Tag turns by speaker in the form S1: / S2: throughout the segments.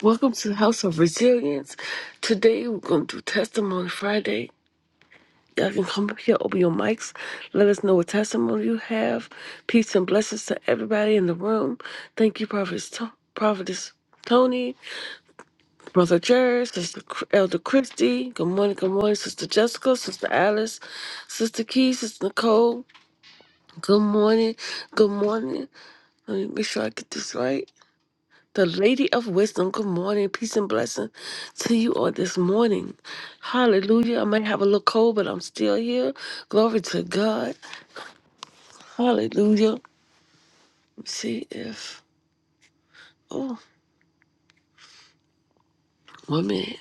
S1: Welcome to the House of Resilience. Today we're going to do Testimony Friday. Y'all can come up here, open your mics, let us know what testimony you have. Peace and blessings to everybody in the room. Thank you, Prophetess, to- Prophetess Tony, Brother Jerry, Sister Cr- Elder Christy. Good morning, good morning, Sister Jessica, Sister Alice, Sister Key, Sister Nicole. Good morning, good morning. Let me make sure I get this right. The Lady of Wisdom, good morning, peace and blessing to you all this morning. Hallelujah. I might have a little cold, but I'm still here. Glory to God. Hallelujah. Let me see if, oh, one minute.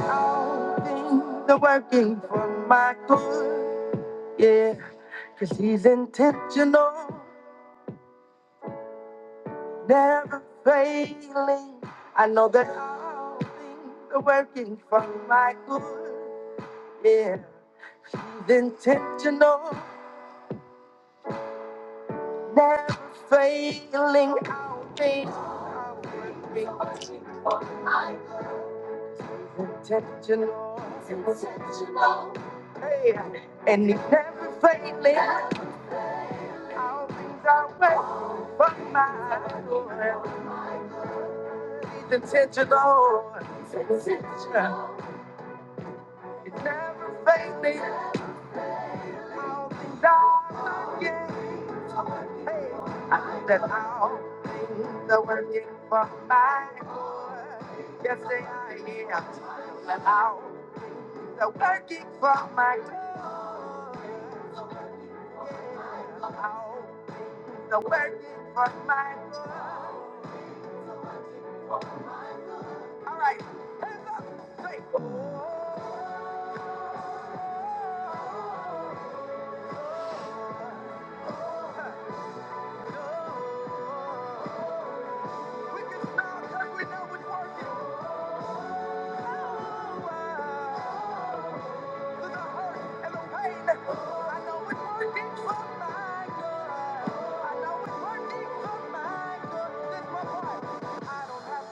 S1: All things are working for my good, yeah, because he's intentional, never failing. I know that all things are working for my good. Yeah, she's intentional, never failing. Always powering me. Intentional, intentional. Hey, and he's never failing. All things are way for my door. He's intentional. Intentional. He's never failing. That all things are working for my good. Yes, they are. Yeah. That all things are working for my good. All things are working for my good. All right. Hands up. Say, oh. like working. Oh,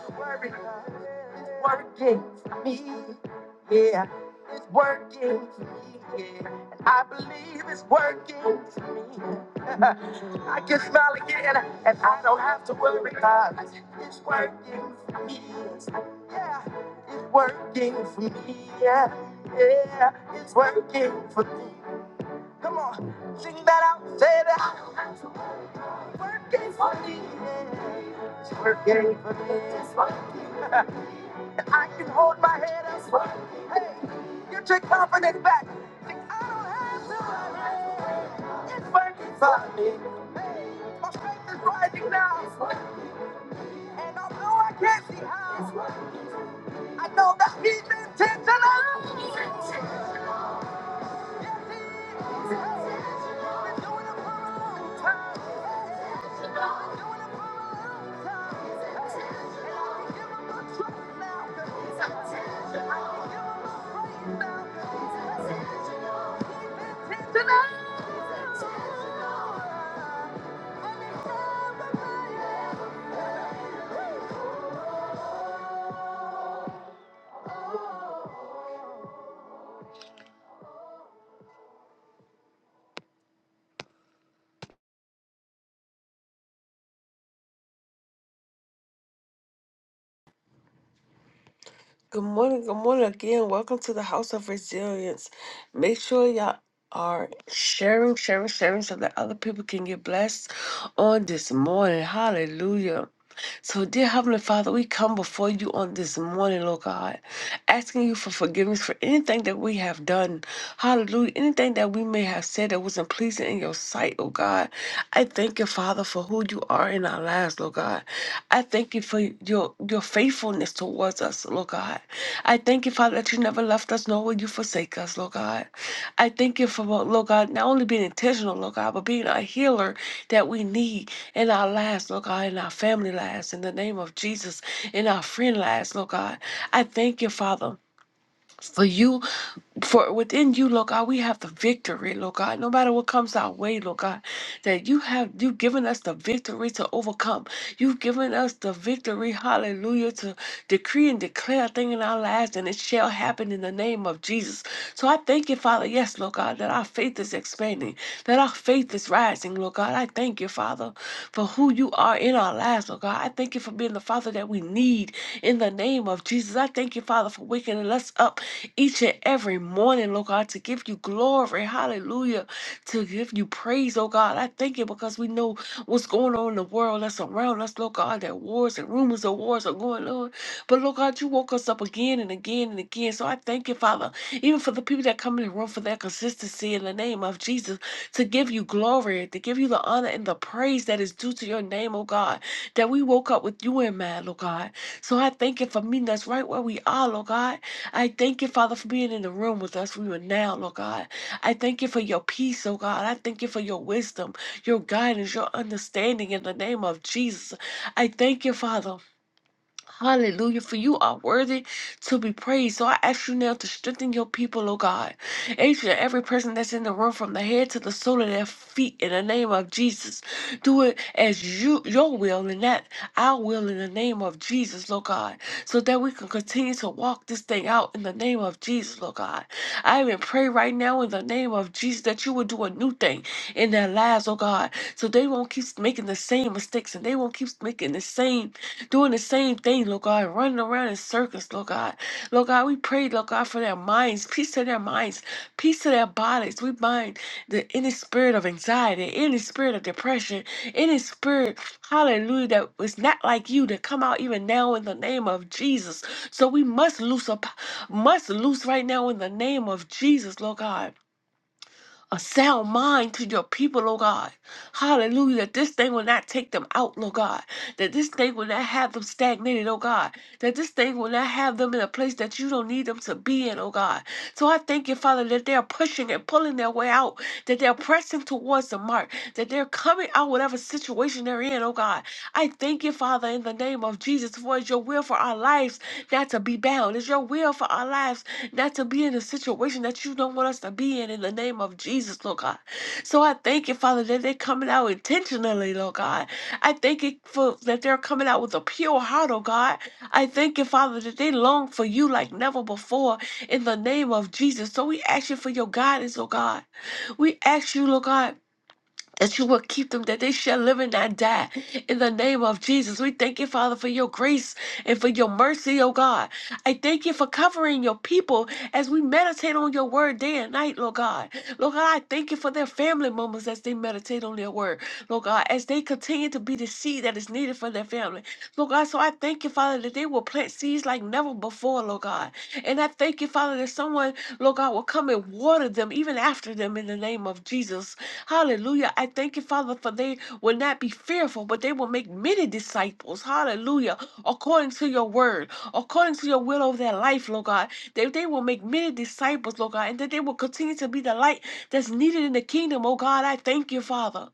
S1: to working for me. Yeah. It's working for me, yeah. And I believe it's working for me. I can smile again, and I don't have to worry about it. It's working for me. Yeah, it's working for me. Yeah, yeah, it's working for me. Come on, sing that out, say that. I don't have to worry. Working for me. Yeah, it's working for me. It's working. and I can hold my head up. It's Hey, get your confidence back. My faith is rising now, and although I can't see how, I know that he's intentional. Been doing it for a long time. Been doing it for a long time. And I can give him my trust now. I can give him my praise now. Intentional. Good morning, good morning again. Welcome to the House of Resilience. Make sure y'all are sharing, sharing, sharing so that other people can get blessed on this morning. Hallelujah. So, dear Heavenly Father, we come before you on this morning, Lord God asking you for forgiveness for anything that we have done. Hallelujah. Anything that we may have said that wasn't pleasing in your sight, oh God. I thank you, Father, for who you are in our lives, Lord God. I thank you for your your faithfulness towards us, Lord God. I thank you, Father, that you never left us, nor will you forsake us, Lord God. I thank you for, Lord God, not only being intentional, Lord God, but being a healer that we need in our lives, Lord God, in our family lives, in the name of Jesus, in our friend lives, Lord God. I thank you, Father, for you for within you, Lord God, we have the victory, Lord God. No matter what comes our way, Lord God, that you have you've given us the victory to overcome. You've given us the victory, hallelujah, to decree and declare a thing in our lives, and it shall happen in the name of Jesus. So I thank you, Father, yes, Lord God, that our faith is expanding, that our faith is rising, Lord God. I thank you, Father, for who you are in our lives, Lord God. I thank you for being the Father that we need in the name of Jesus. I thank you, Father, for waking us up each and every morning, Lord God, to give you glory. Hallelujah. To give you praise, oh God. I thank you because we know what's going on in the world that's around us, Lord God, that wars and rumors of wars are going on. But Lord God, you woke us up again and again and again. So I thank you, Father, even for the people that come in the room for their consistency in the name of Jesus, to give you glory, to give you the honor and the praise that is due to your name, oh God, that we woke up with you in mind, Lord God. So I thank you for meeting us right where we are, Lord God. I thank you, Father, for being in the room with us even now, Lord God. I thank you for your peace, oh God. I thank you for your wisdom, your guidance, your understanding in the name of Jesus. I thank you, Father. Hallelujah, for you are worthy to be praised. So I ask you now to strengthen your people, oh God. Each and every person that's in the room, from the head to the sole of their feet, in the name of Jesus. Do it as you your will and not our will in the name of Jesus, Lord God. So that we can continue to walk this thing out in the name of Jesus, Lord God. I even pray right now in the name of Jesus that you will do a new thing in their lives, oh God. So they won't keep making the same mistakes and they won't keep making the same doing the same thing, Lord God, running around in circles, Lord God. Lord God, we pray, Lord God, for their minds, peace to their minds, peace to their bodies. We bind the any spirit of anxiety, any spirit of depression, any spirit, hallelujah, that was not like you to come out even now in the name of Jesus. So we must loose up, must loose right now in the name of Jesus, Lord God a sound mind to your people, oh God. Hallelujah. That this thing will not take them out, Lord God. That this thing will not have them stagnated, oh God. That this thing will not have them in a place that you don't need them to be in, oh God. So I thank you, Father, that they're pushing and pulling their way out, that they're pressing towards the mark, that they're coming out whatever situation they're in, oh God. I thank you, Father, in the name of Jesus, for it's your will for our lives not to be bound. It's your will for our lives not to be in a situation that you don't want us to be in in the name of Jesus, Lord God. So I thank you, Father, that they're coming out intentionally, Lord God. I thank you for that they're coming out with a pure heart, oh God. I thank you, Father, that they long for you like never before in the name of Jesus. So we ask you for your guidance, oh God. We ask you, Lord God that you will keep them, that they shall live and not die. In the name of Jesus, we thank you, Father, for your grace and for your mercy, oh God. I thank you for covering your people as we meditate on your word day and night, Lord God. Lord God, I thank you for their family moments as they meditate on their word, Lord God, as they continue to be the seed that is needed for their family. Lord God, so I thank you, Father, that they will plant seeds like never before, Lord God. And I thank you, Father, that someone Lord God, will come and water them even after them in the name of Jesus. Hallelujah. I thank you, Father, for they will not be fearful, but they will make many disciples. Hallelujah. According to your word, according to your will over their life, Lord God, that they will make many disciples, Lord God, and that they will continue to be the light that's needed in the kingdom, oh God. I thank you, Father.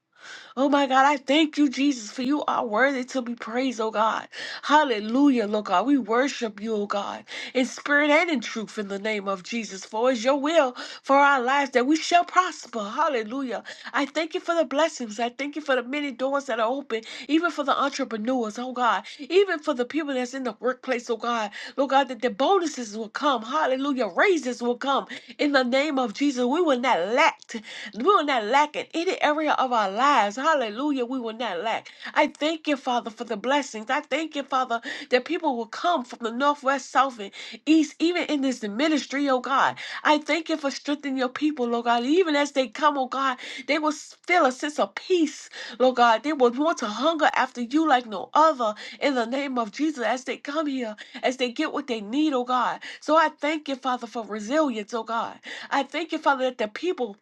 S1: Oh my God, I thank you, Jesus, for you are worthy to be praised, oh God. Hallelujah, Lord God. We worship you, oh God, in spirit and in truth in the name of Jesus. For it's your will for our lives that we shall prosper. Hallelujah. I thank you for the blessings. I thank you for the many doors that are open, even for the entrepreneurs, oh God, even for the people that's in the workplace, oh God. Lord God, that the bonuses will come. Hallelujah. Raises will come in the name of Jesus. We will not lack. We will not lack in any area of our lives. Hallelujah. We will not lack. I thank you, Father, for the blessings. I thank you, Father, that people will come from the northwest, south, and east, even in this ministry, oh God. I thank you for strengthening your people, oh God. Even as they come, oh God, they will feel a sense of peace, Lord God. They will want to hunger after you like no other in the name of Jesus as they come here, as they get what they need, oh God. So I thank you, Father, for resilience, oh God. I thank you, Father, that the people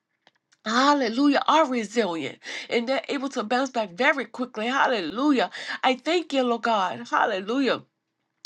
S1: Hallelujah, are resilient and they're able to bounce back very quickly. Hallelujah. I thank you, Lord God. Hallelujah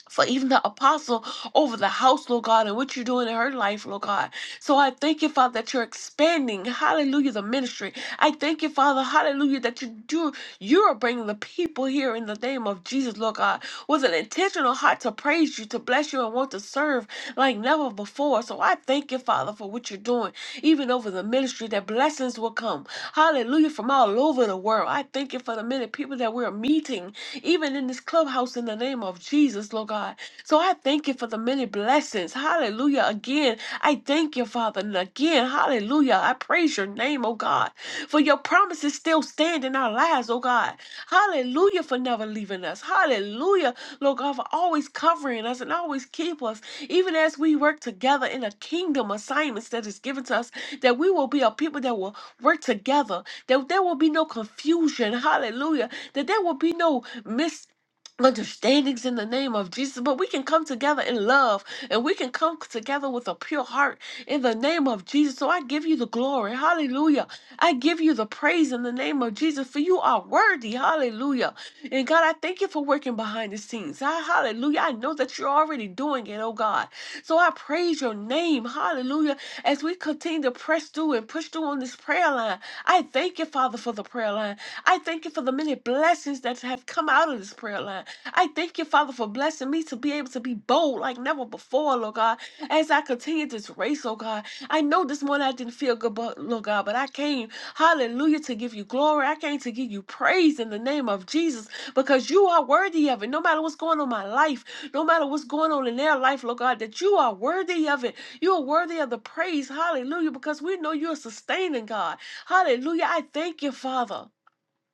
S1: for even the apostle over the house, Lord God, and what you're doing in her life, Lord God. So I thank you, Father, that you're expanding, hallelujah, the ministry. I thank you, Father, hallelujah, that you do, you are bringing the people here in the name of Jesus, Lord God, with an intentional heart to praise you, to bless you, and want to serve like never before. So I thank you, Father, for what you're doing, even over the ministry, that blessings will come, hallelujah, from all over the world. I thank you for the many people that we're meeting even in this clubhouse in the name of Jesus, Lord God. So I thank you for the many blessings. Hallelujah. Again, I thank you, Father. And again, hallelujah. I praise your name, oh God, for your promises still stand in our lives, oh God. Hallelujah for never leaving us. Hallelujah, Lord God, for always covering us and always keep us, even as we work together in the kingdom assignments that is given to us, that we will be a people that will work together, that there will be no confusion. Hallelujah. That there will be no mis understandings in the name of Jesus, but we can come together in love and we can come together with a pure heart in the name of Jesus. So I give you the glory. Hallelujah. I give you the praise in the name of Jesus for you are worthy. Hallelujah. And God, I thank you for working behind the scenes. Ah, Hallelujah. I know that you're already doing it, oh God. So I praise your name. Hallelujah as we continue to press through and push through on this prayer line. I thank you, Father, for the prayer line. I thank you for the many blessings that have come out of this prayer line. I thank you, Father, for blessing me to be able to be bold like never before, Lord God, as I continue this race, oh God. I know this morning I didn't feel good, but, Lord God, but I came, hallelujah, to give you glory. I came to give you praise in the name of Jesus because you are worthy of it. No matter what's going on in my life, no matter what's going on in their life, Lord God, that you are worthy of it. You are worthy of the praise. Hallelujah. Because we know you're sustaining God. Hallelujah. I thank you, Father.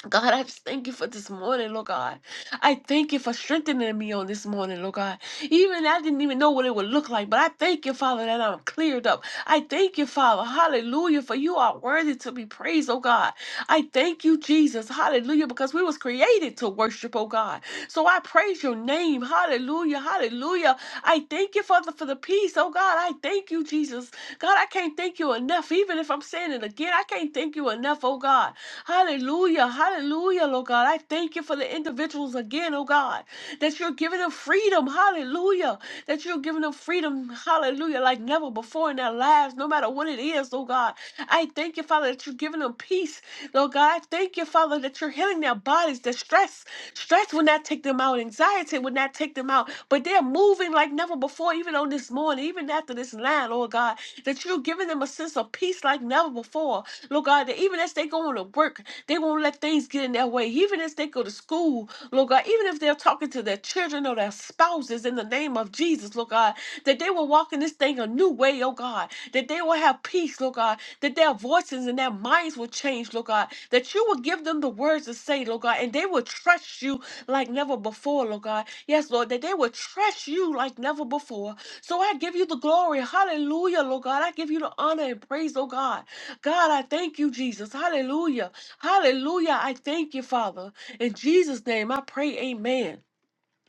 S1: God, I just thank you for this morning, Lord God. I thank you for strengthening me on this morning, Lord God. Even I didn't even know what it would look like, but I thank you, Father, that I'm cleared up. I thank you, Father, hallelujah, for you are worthy to be praised, oh God. I thank you, Jesus, hallelujah, because we was created to worship, oh God. So I praise your name, hallelujah, hallelujah. I thank you, Father, for the peace, oh God. I thank you, Jesus, God, I can't thank you enough. Even if I'm saying it again, I can't thank you enough, oh God. Hallelujah. Hallelujah, Lord God. I thank you for the individuals again, oh God, that you're giving them freedom. Hallelujah. That you're giving them freedom. Hallelujah. Like never before in their lives, no matter what it is, oh God. I thank you, Father, that you're giving them peace. Lord God, I thank you, Father, that you're healing their bodies. The stress, stress will not take them out. Anxiety will not take them out. But they're moving like never before, even on this morning, even after to this line, Lord God, that you're giving them a sense of peace like never before. Lord God, that even as they go on to work, they won't let things get in their way. Even as they go to school, Lord God, even if they're talking to their children or their spouses in the name of Jesus, Lord God, that they will walk in this thing a new way, oh God, that they will have peace, Lord God, that their voices and their minds will change, Lord God, that you will give them the words to say, Lord God, and they will trust you like never before, Lord God. Yes, Lord, that they will trust you like never before. So I give you the glory. Hallelujah, Lord God. I give you the honor and praise, oh God. God, I thank you, Jesus. Hallelujah. Hallelujah. I thank you, Father. In Jesus' name, I pray, amen.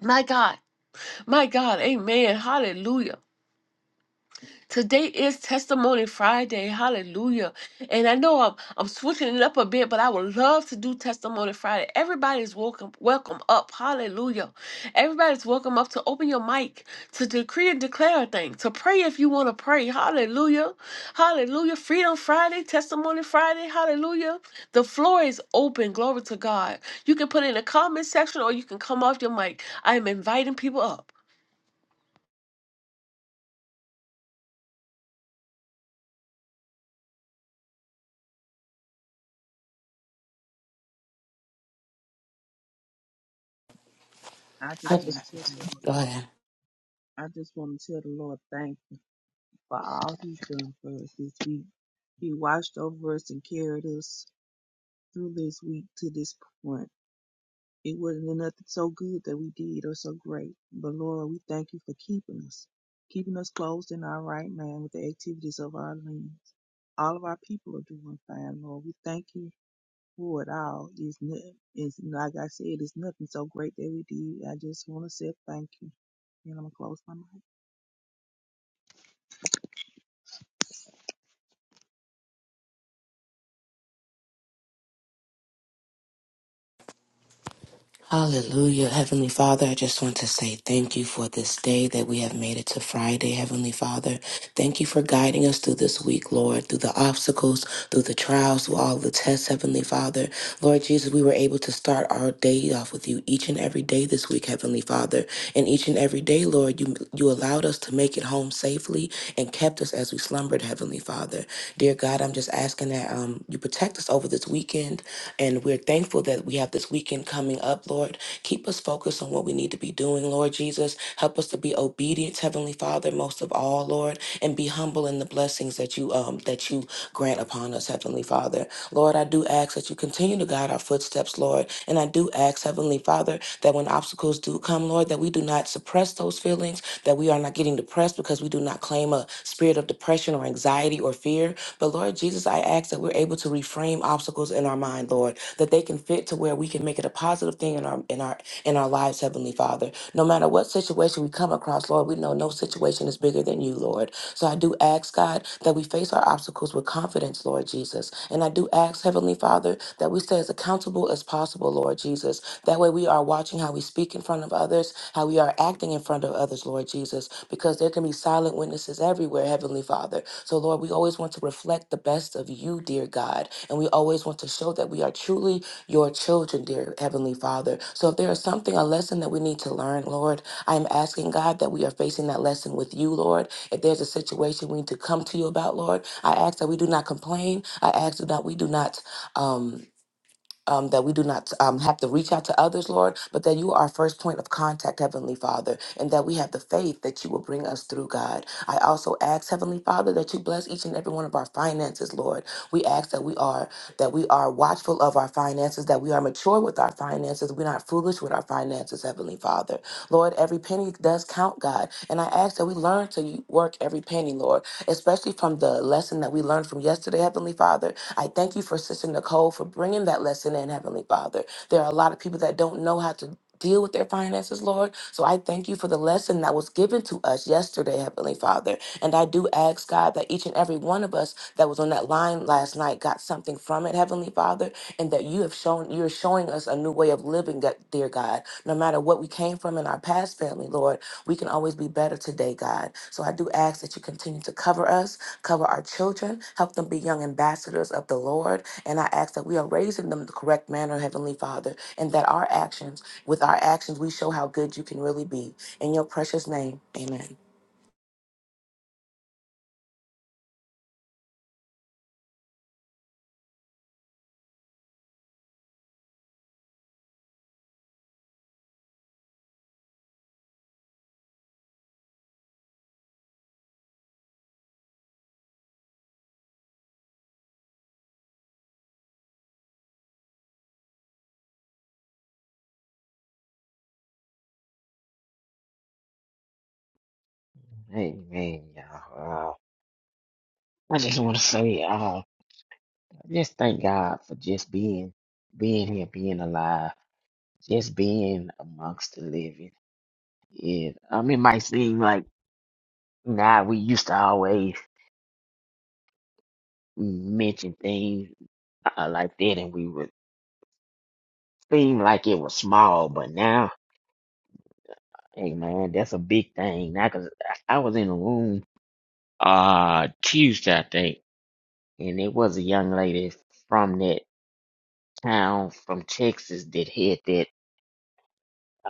S1: My God, my God, amen. Hallelujah. Today is Testimony Friday. Hallelujah. And I know I'm, I'm switching it up a bit, but I would love to do Testimony Friday. Everybody's welcome, welcome up. Hallelujah. Everybody's welcome up to open your mic, to decree and declare a thing, to pray if you want to pray. Hallelujah. Hallelujah. Freedom Friday, Testimony Friday. Hallelujah. The floor is open. Glory to God. You can put it in the comment section or you can come off your mic. I am inviting people up.
S2: I
S3: I
S2: just
S3: just-
S2: want to tell the Lord, I just want to tell the Lord thank you for all He's done for us this week. He watched over us and carried us through this week to this point. It wasn't nothing so good that we did or so great, but Lord, we thank you for keeping us, keeping us closed in our right mind with the activities of our limbs. All of our people are doing fine, Lord. We thank you for it all. It's, no- it's like I said, it's nothing so great that we did. I just want to say thank you, and I'm gonna close my mouth.
S3: Hallelujah. Heavenly Father, I just want to say thank you for this day that we have made it to Friday. Heavenly Father, thank you for guiding us through this week, Lord, through the obstacles, through the trials, through all the tests, Heavenly Father. Lord Jesus, we were able to start our day off with you each and every day this week, Heavenly Father. And each and every day, Lord, you, you allowed us to make it home safely and kept us as we slumbered, Heavenly Father. Dear God, I'm just asking that um, you protect us over this weekend. And we're thankful that we have this weekend coming up, Lord. Keep us focused on what we need to be doing, Lord Jesus. Help us to be obedient, Heavenly Father, most of all, Lord, and be humble in the blessings that you um that you grant upon us, Heavenly Father. Lord, I do ask that you continue to guide our footsteps, Lord. And I do ask, Heavenly Father, that when obstacles do come, Lord, that we do not suppress those feelings, that we are not getting depressed because we do not claim a spirit of depression or anxiety or fear, but Lord Jesus, I ask that we're able to reframe obstacles in our mind, Lord, that they can fit to where we can make it a positive thing in our in our in our lives, Heavenly Father. No matter what situation we come across, Lord, we know no situation is bigger than you, Lord. So I do ask, God, that we face our obstacles with confidence, Lord Jesus. And I do ask, Heavenly Father, that we stay as accountable as possible, Lord Jesus, that way we are watching how we speak in front of others, how we are acting in front of others, Lord Jesus, because there can be silent witnesses everywhere, Heavenly Father. So, Lord, we always want to reflect the best of you, dear God. And we always want to show that we are truly your children, dear Heavenly Father. So, if there is something, a lesson that we need to learn, Lord, I am asking God that we are facing that lesson with you, Lord. If there's a situation we need to come to you about, Lord, I ask that we do not complain. I ask that we do not. Um, um, that we do not um, have to reach out to others, Lord, but that you are our first point of contact, Heavenly Father, and that we have the faith that you will bring us through, God. I also ask, Heavenly Father, that you bless each and every one of our finances, Lord. We ask that we are that we are watchful of our finances, that we are mature with our finances, we're not foolish with our finances, Heavenly Father. Lord, every penny does count, God, and I ask that we learn to work every penny, Lord, especially from the lesson that we learned from yesterday, Heavenly Father, I thank you for Sister Nicole for bringing that lesson in, Heavenly Father. There are a lot of people that don't know how to deal with their finances, Lord. So I thank you for the lesson that was given to us yesterday, Heavenly Father. And I do ask, God, that each and every one of us that was on that line last night got something from it, Heavenly Father, and that you have shown, you're showing us a new way of living, God- dear God. No matter what we came from in our past family, Lord, we can always be better today, God. So I do ask that you continue to cover us Cover our children. Help them be young ambassadors of the Lord. And I ask that we are raising them the correct manner, Heavenly Father, and that our actions, with our actions, we show how good you can really be. In your precious name, amen.
S4: Hey man, y'all. Uh, I just want to say, uh, I just thank God for just being, being here, being alive, just being amongst the living. Yeah, um, it might seem like now we used to always mention things uh, like that, and we would seem like it was small, but now, hey man, that's a big thing. Now, cause I I was in a room uh Tuesday, I think, and it was a young lady from that town from Texas that had that.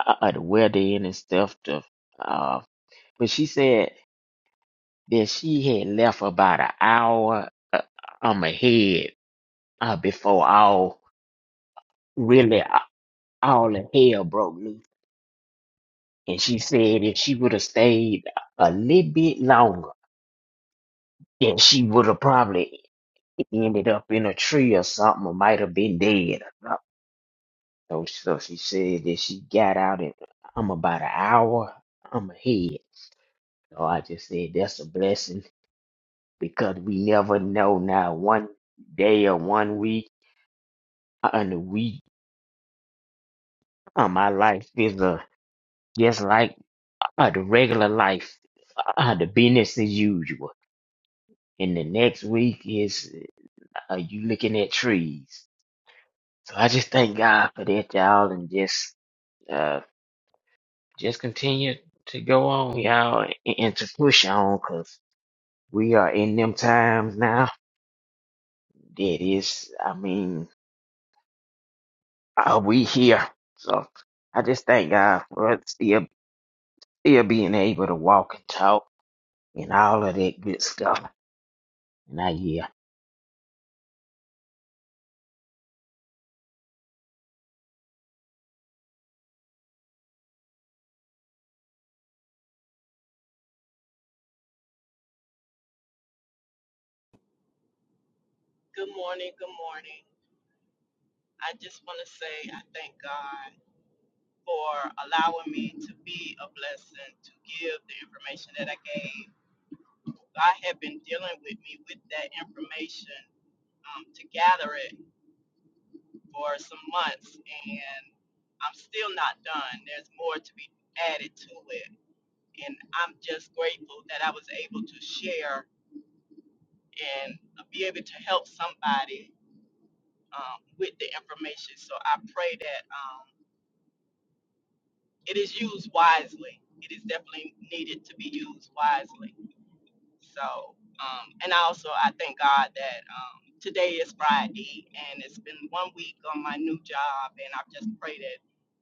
S4: uh, at the wedding and stuff. To, uh, but she said that she had left about an hour uh, um ahead uh, before all really uh, all the hell broke loose. And she said if she would have stayed a little bit longer, then she would have probably ended up in a tree or something, or might have been dead. Or something. So, so she said that she got out and I'm about an hour. I'm ahead. So I just said that's a blessing because we never know now one day or one week and a week uh, my life is uh, just like uh, the regular life uh, the business as usual and the next week is uh, you looking at trees so i just thank god for that y'all and just uh, just continue to go on y'all and, and to push on because we are in them times now that is i mean uh, we here. So I just thank God for still still being able to walk and talk and all of that good stuff. And I yeah.
S5: Good morning. Good morning. I just want to say I thank God for allowing me to be a blessing to give the information that I gave. God had been dealing with me with that information um, to gather it for some months, and I'm still not done. There's more to be added to it. And I'm just grateful that I was able to share and be able to help somebody um, with the information. So I pray that. Um, it is used wisely. It is definitely needed to be used wisely. So, um, and also I thank God that um, today is Friday and it's been one week on my new job, and I just pray that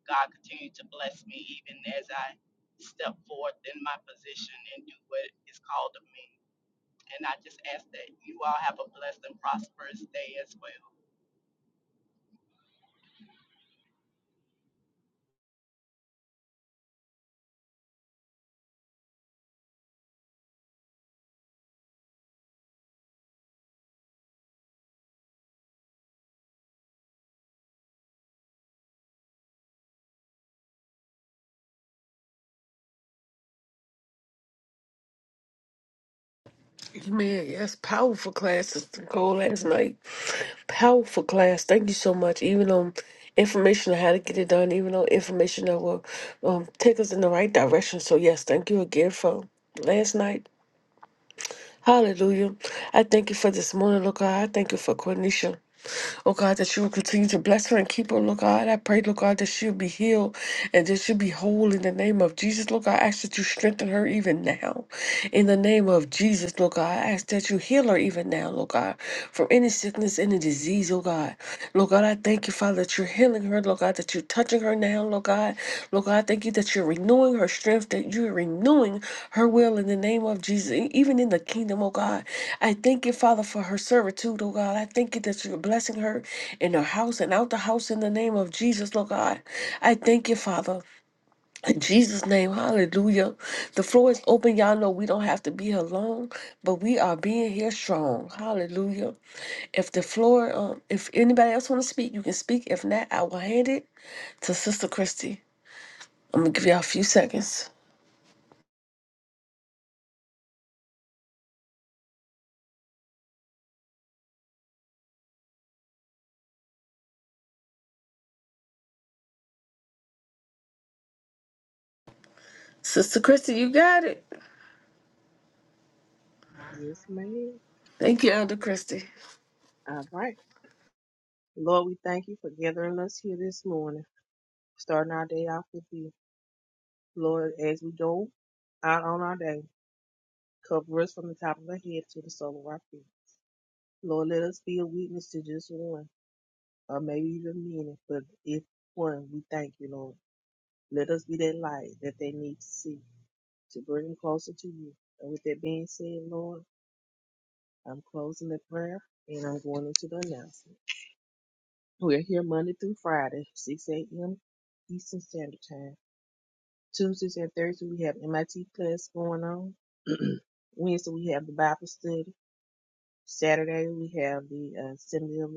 S5: God continue to bless me even as I step forth in my position and do what is called of me. And I just ask that you all have a blessed and prosperous day as well.
S1: Man, yes, powerful class, Sister Cole last night. Powerful class. Thank you so much. Even on information on how to get it done, even on information that will um, take us in the right direction. So, yes, thank you again for last night. Hallelujah. I thank you for this morning, Lord God. I thank you for Cornisha. Oh God, that you will continue to bless her and keep her, Lord God. I pray, Lord God, that she'll be healed and that she'll be whole in the name of Jesus. Lord God, I ask that you strengthen her even now. In the name of Jesus, Lord God, I ask that you heal her even now, Lord God, from any sickness, any disease, oh God. Lord God, I thank you, Father, that you're healing her healing her, Lord God, that you're touching her now, Lord God. Lord God, thank you that you're renewing her strength, that you're renewing her will in the name of Jesus, e- even in the kingdom, oh God. I thank you, Father, for her servitude, oh God. I thank you that you're blessing her in her house and out the house in the name of Jesus, Lord God. I thank you, Father. In Jesus' name, hallelujah. The floor is open. Y'all know we don't have to be here long, but we are being here strong. Hallelujah. If the floor, um, if anybody else want to speak, you can speak. If not, I will hand it to Sister Christy. I'm gonna give y'all a few seconds. Sister Christy, you got it.
S2: Yes, ma'am.
S1: Thank you, Elder Christy.
S2: All right. Lord, we thank you for gathering us here this morning, starting our day off with you. Lord, as we go out on our day, cover us from the top of our head to the sole of our feet. Lord, let us be a witness to just one, or maybe even many, but if one, we thank you, Lord. Let us be that light that they need to see to bring them closer to you. And with that being said, Lord, I'm closing the prayer and I'm going into the announcement. We're here Monday through Friday, 6 a.m. Eastern Standard Time. Tuesdays and Thursdays, we have MIT class going on. Wednesday, we have the Bible study. Saturday, we have the uh, Assembly of,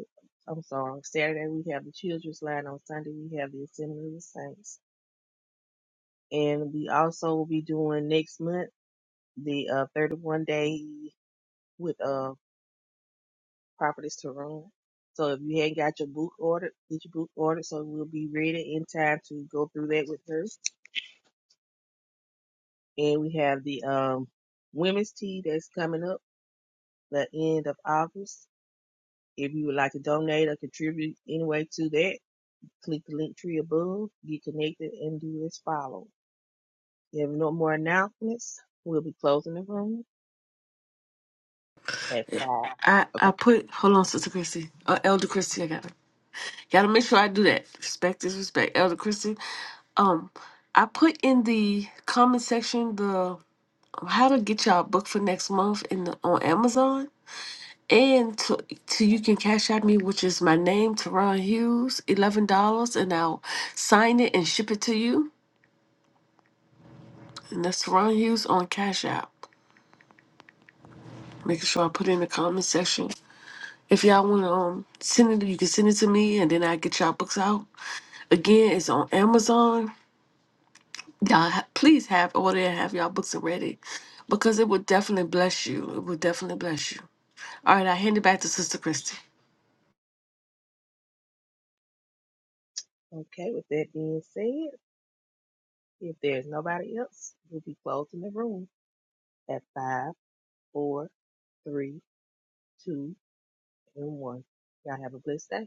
S2: I'm sorry, Saturday, we have the Children's Line. On Sunday, we have the Assembly of the Saints. And we also will be doing next month the uh, 31 day with uh, Prophetess Tyrone. So if you hadn't got your book ordered, get your book ordered so we'll be ready in time to go through that with her. And we have the um, women's tea that's coming up the end of August. If you would like to donate or contribute anyway to that, click the link tree above, get connected, and do as follows. If you have no more announcements, we'll be closing the room at five.
S1: I
S2: Okay.
S1: I put hold on, Sister Christy. Uh, Elder Christy, I gotta gotta make sure I do that. Respect is respect, Elder Christy. Um, I put in the comment section how to get y'all book for next month in the, on Amazon. And to, to you can cash out me, which is my name, Teron Hughes, eleven dollars, and I'll sign it and ship it to you. And that's Teron Hughes on Cash App. Making sure I put it in the comment section. If y'all want to um send it, you can send it to me, and then I get y'all books out. Again, it's on Amazon. Y'all ha- please have order and have y'all books ready, because it will definitely bless you. It will definitely bless you. All right, I hand it back to Sister Christy.
S2: Okay, with that being said, if there's nobody else, we'll be closing the room at five, four, three, two, and one. Y'all have a blessed day.